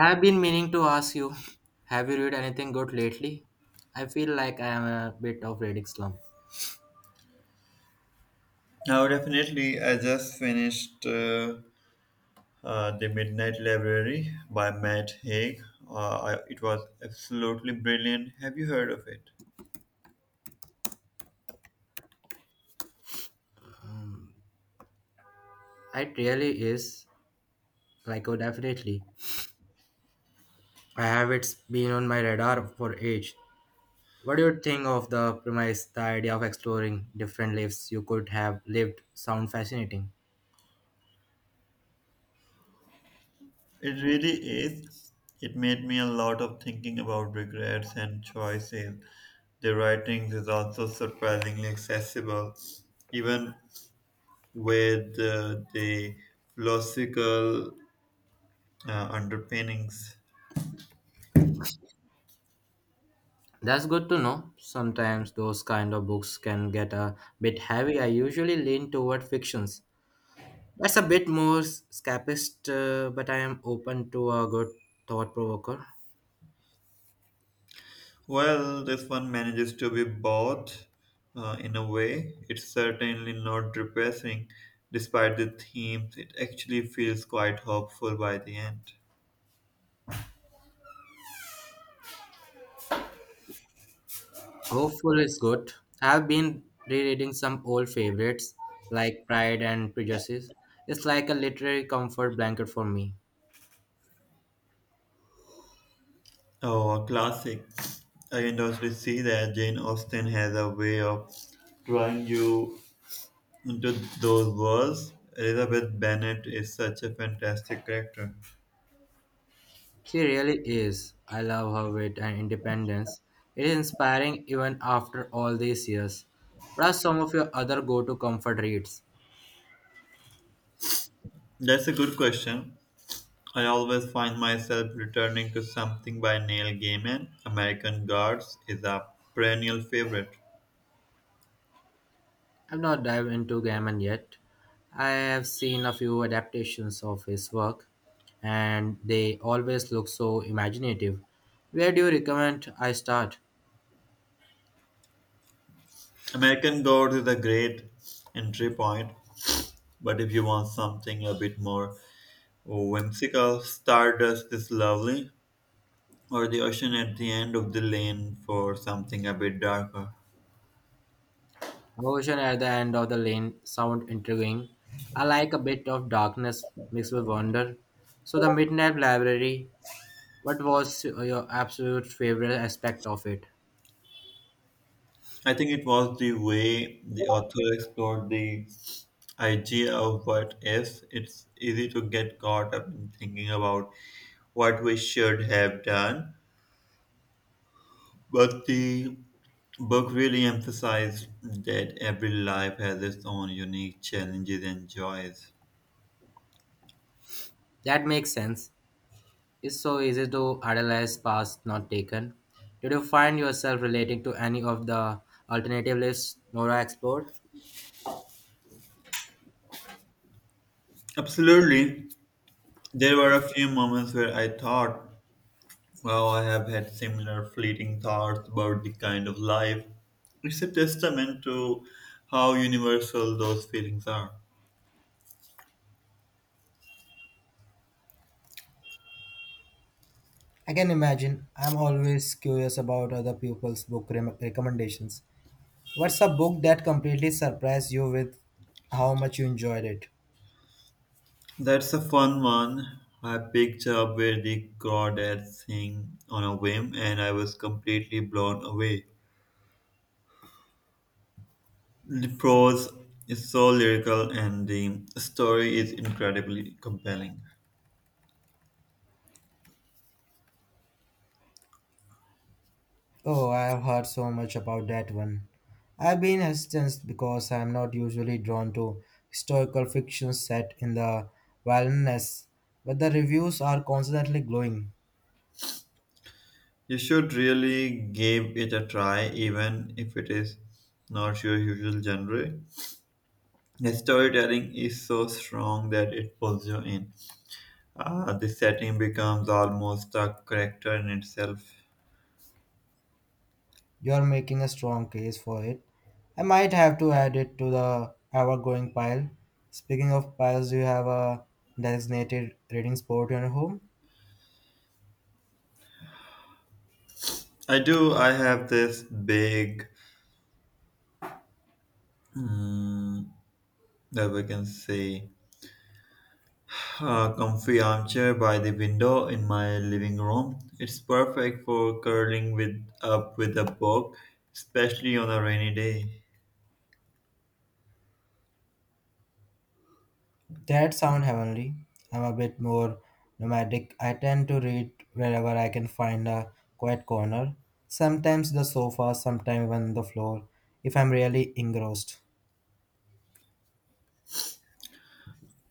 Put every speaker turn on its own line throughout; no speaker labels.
I've been meaning to ask you, have you read anything good lately? I feel like I am a bit of reading slump.
Now, definitely, I just finished The Midnight Library by Matt Haig. It was absolutely brilliant. Have you heard of it?
Mm, it really is, like oh definitely. I have it's been on my radar for age. What do you think of the premise, the idea of exploring different lives you could have lived sound fascinating?
It really is. It made me a lot of thinking about regrets and choices. The writing is also surprisingly accessible, even with the philosophical underpinnings.
That's good to know. Sometimes those kind of books can get a bit heavy. I usually lean toward fictions, that's a bit more scapist, but I am open to a good thought provoker.
Well, this one manages to be both in a way. It's certainly not depressing, despite the themes. It actually feels quite hopeful by the end.
Hopeful is good. I've been rereading some old favorites like Pride and Prejudice. It's like a literary comfort blanket for me.
Oh, a classic. I can also see that Jane Austen has a way of drawing you into those worlds. Elizabeth Bennet is such a fantastic character.
She really is. I love her wit and independence. It is inspiring even after all these years. What are some of your other go to comfort reads?
That's a good question. I always find myself returning to something by Neil Gaiman. American Gods is a perennial favorite.
I've not dived into Gaiman yet. I have seen a few adaptations of his work, and they always look so imaginative. Where do you recommend I start?
American Gods is a great entry point, but if you want something a bit more whimsical, Stardust is lovely, or The Ocean at the End of the Lane for something a bit darker.
Ocean at the End of the Lane sound intriguing. I like a bit of darkness mixed with wonder. So, The Midnight Library, what was your absolute favorite aspect of it?
I think it was the way the author explored the idea of what is. It's easy to get caught up in thinking about what we should have done. But the book really emphasized that every life has its own unique challenges and joys.
That makes sense. It's so easy to idolize paths not taken. Did you find yourself relating to any of the alternative lists Nora explored?
Absolutely. There were a few moments where I thought, wow, I have had similar fleeting thoughts about the kind of life. It's a testament to how universal those feelings are.
I can imagine. I'm always curious about other people's recommendations. What's a book that completely surprised you with how much you enjoyed it?
That's a fun one. I picked up where the crawdads sing on a whim and I was completely blown away. The prose is so lyrical and the story is incredibly compelling.
Oh, I have heard so much about that one. I've been hesitant because I'm not usually drawn to historical fiction set in the wilderness, but the reviews are constantly glowing.
You should really give it a try, even if it is not your usual genre. The storytelling is so strong that it pulls you in. The setting becomes almost a character in itself.
You're making a strong case for it. I might have to add it to the ever growing pile. Speaking of piles, do you have a designated reading spot in your home?
I do, I have this big, mm, that we can say. A comfy armchair by the window in my living room. It's perfect for curling with up with a book, especially on a rainy day.
That sound heavenly. I'm a bit more nomadic. I tend to read wherever I can find a quiet corner. Sometimes the sofa, sometimes even the floor, if I'm really engrossed.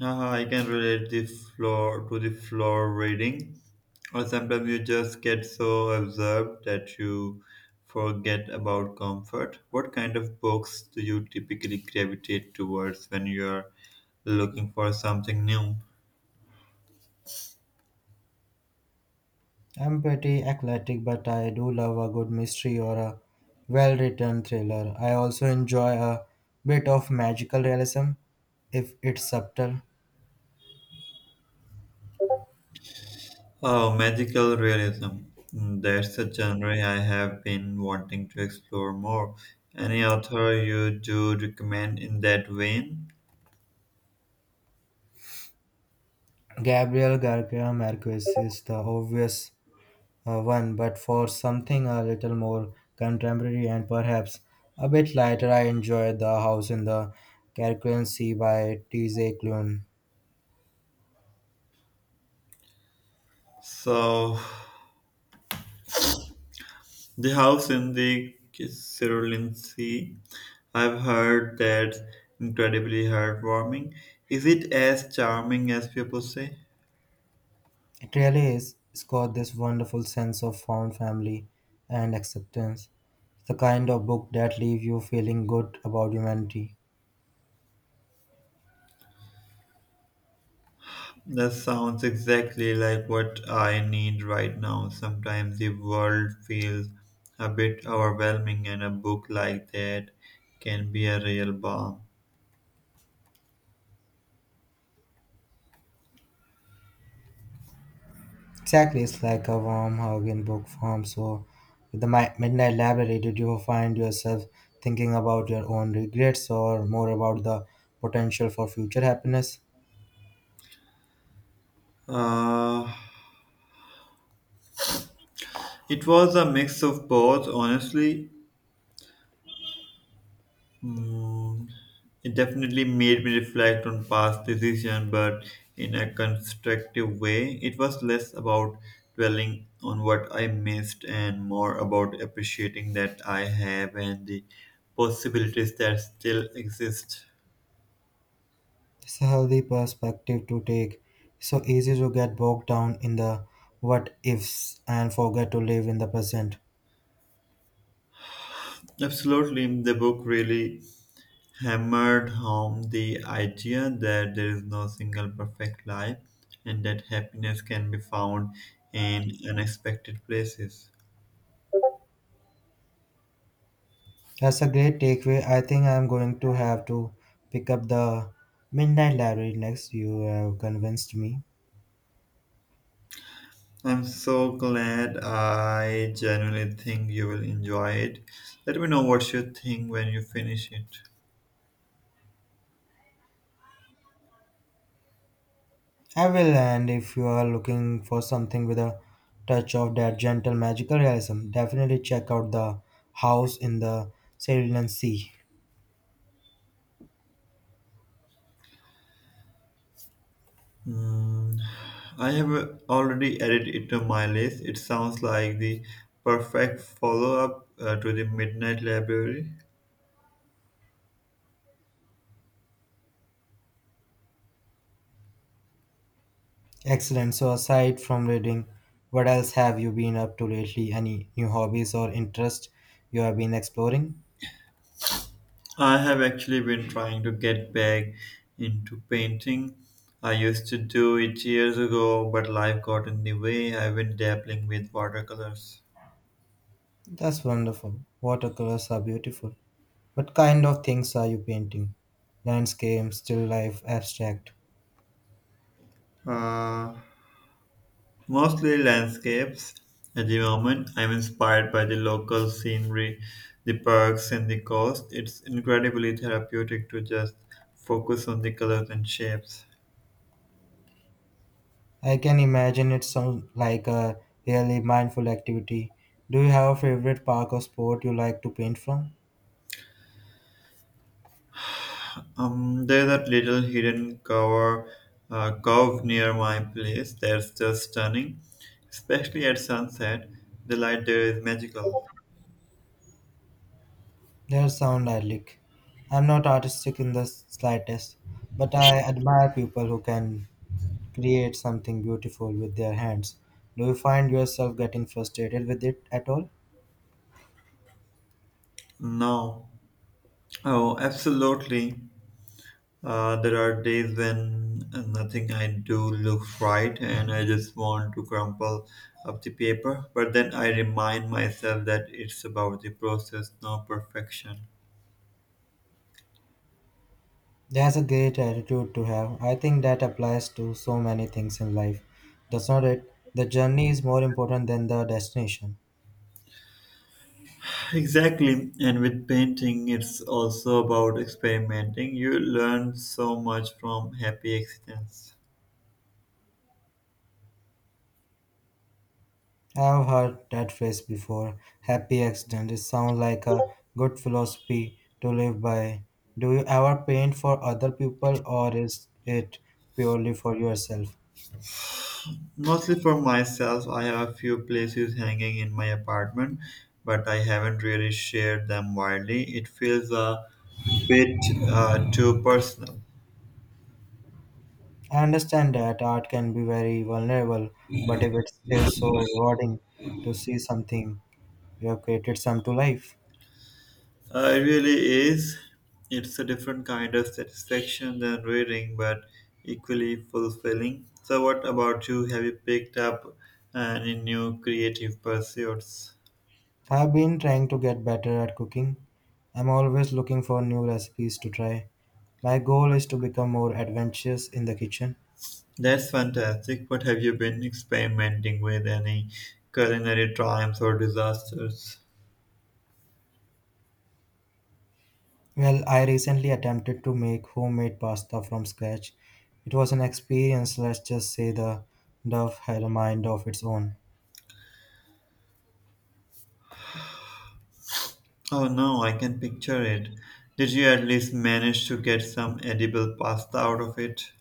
Haha, I can relate the floor to the floor reading, or sometimes you just get so absorbed that you forget about comfort. What kind of books do you typically gravitate towards when you're looking for something new?
I'm pretty eclectic, but I do love a good mystery or a well written thriller. I also enjoy a bit of magical realism if it's subtle.
Oh, magical realism. That's a genre I have been wanting to explore more. Any author you do recommend in that vein?
Gabriel Garcia Marquez is the obvious one, but for something a little more contemporary and perhaps a bit lighter, I enjoy The House in the Caribbean Sea by T.J. Klune.
So, The House in the Cerulean Sea. I've heard that's incredibly heartwarming. Is it as charming as people say?
It really is. It's got this wonderful sense of found family and acceptance. It's the kind of book that leave you feeling good about humanity.
That sounds exactly like what I need right now. Sometimes the world feels a bit overwhelming, and a book like that can be a real balm.
Exactly, it's like a warm hug in book form. So, with the Midnight Library, did you find yourself thinking about your own regrets or more about the potential for future happiness?
Uh, it was a mix of both, honestly. Mm, it definitely made me reflect on past decisions, but in a constructive way. It was less about dwelling on what I missed and more about appreciating that I have and the possibilities that still exist.
It's a healthy perspective to take. So easy to get bogged down in the what ifs and forget to live in the present.
Absolutely, the book really hammered home the idea that there is no single perfect life and that happiness can be found in unexpected places.
That's a great takeaway. I think I'm going to have to pick up the Midnight Library next. You have convinced me.
I'm so glad. I genuinely think you will enjoy it. Let me know what you think when you finish it.
I will, and if you are looking for something with a touch of that gentle magical realism, definitely check out The House in the Cerulean Sea.
Hmm, I have already added it to my list. It sounds like the perfect follow up to the Midnight Library.
Excellent. So, aside from reading, what else have you been up to lately? Any new hobbies or interests you have been exploring?
I have actually been trying to get back into painting. I used to do it years ago, but life got in the way. I've been dabbling with watercolors.
That's wonderful. Watercolors are beautiful. What kind of things are you painting? Landscape, still life, abstract?
Uh, Mostly landscapes. At the moment, I'm inspired by the local scenery, the parks, and the coast. It's incredibly therapeutic to just focus on the colors and shapes.
I can imagine, it sounds like a really mindful activity. Do you have a favorite park or sport you like to paint from?
There's that little hidden cover, cove near my place that's just stunning, especially at sunset. The light there is magical.
That sound idyllic. I'm not artistic in the slightest, but I admire people who can create something beautiful with their hands. Do you find yourself getting frustrated with it at all?
No. Oh, absolutely. There are days when nothing I do looks right and I just want to crumple up the paper, but then I remind myself that it's about the process, not perfection.
That's a great attitude to have. I think that applies to so many things in life. Does not it. The journey is more important than the destination.
Exactly, and with painting, it's also about experimenting. You learn so much from happy accidents.
I have heard that phrase before. Happy accident. It sounds like a good philosophy to live by. Do you ever paint for other people or is it purely for yourself?
Mostly for myself, I have a few places hanging in my apartment, but I haven't really shared them widely. It feels a bit too personal.
I understand that art can be very vulnerable, but if it's still so rewarding to see something you have created some to life.
It really is. It's a different kind of satisfaction than reading, but equally fulfilling. So, what about you? Have you picked up any new creative pursuits?
I've been trying to get better at cooking. I'm always looking for new recipes to try. My goal is to become more adventurous in the kitchen.
That's fantastic. What have you been experimenting with? Any culinary triumphs or disasters?
Well, I recently attempted to make homemade pasta from scratch. It was an experience, let's just say the dough had a mind of its own.
Oh no, I can picture it. Did you at least manage to get some edible pasta out of it?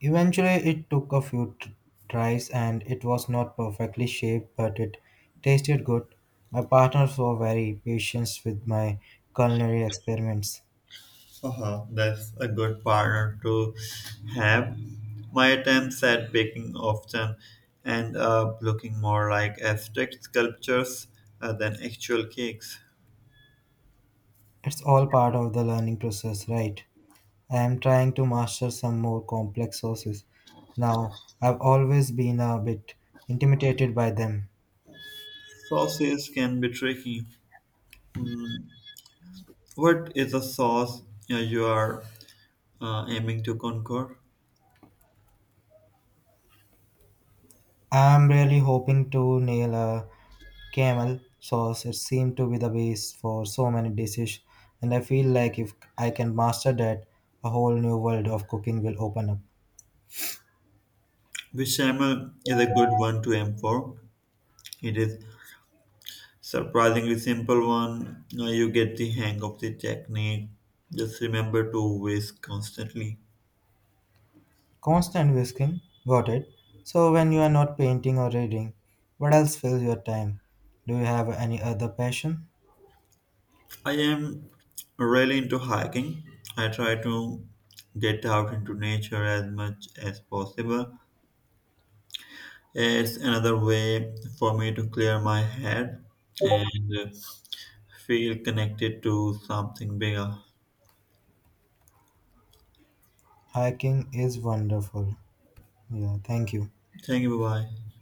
Eventually, it took a few tries and it was not perfectly shaped, but it tasted good. My partners were very patient with my culinary experiments.
Haha, that's a good partner to have. My attempts at baking often end up looking more like abstract sculptures than actual cakes.
It's all part of the learning process, right? I am trying to master some more complex sources. Now, I've always been a bit intimidated by them.
Sauces can be tricky. Mm, what is a sauce you are aiming to conquer?
I'm really hoping to nail a camel sauce. It seemed to be the base for so many dishes, and I feel like if I can master that, a whole new world of cooking will open up.
Bechamel is a good one to aim for. It is surprisingly simple one. You get the hang of the technique. Just remember to whisk constantly.
Constant whisking, got it. So when you are not painting or reading, what else fills your time? Do you have any other passion?
I am really into hiking. I try to get out into nature as much as possible. It's another way for me to clear my head and feel connected to something bigger.
Hiking is wonderful. Yeah, thank you.
Thank you. Bye bye.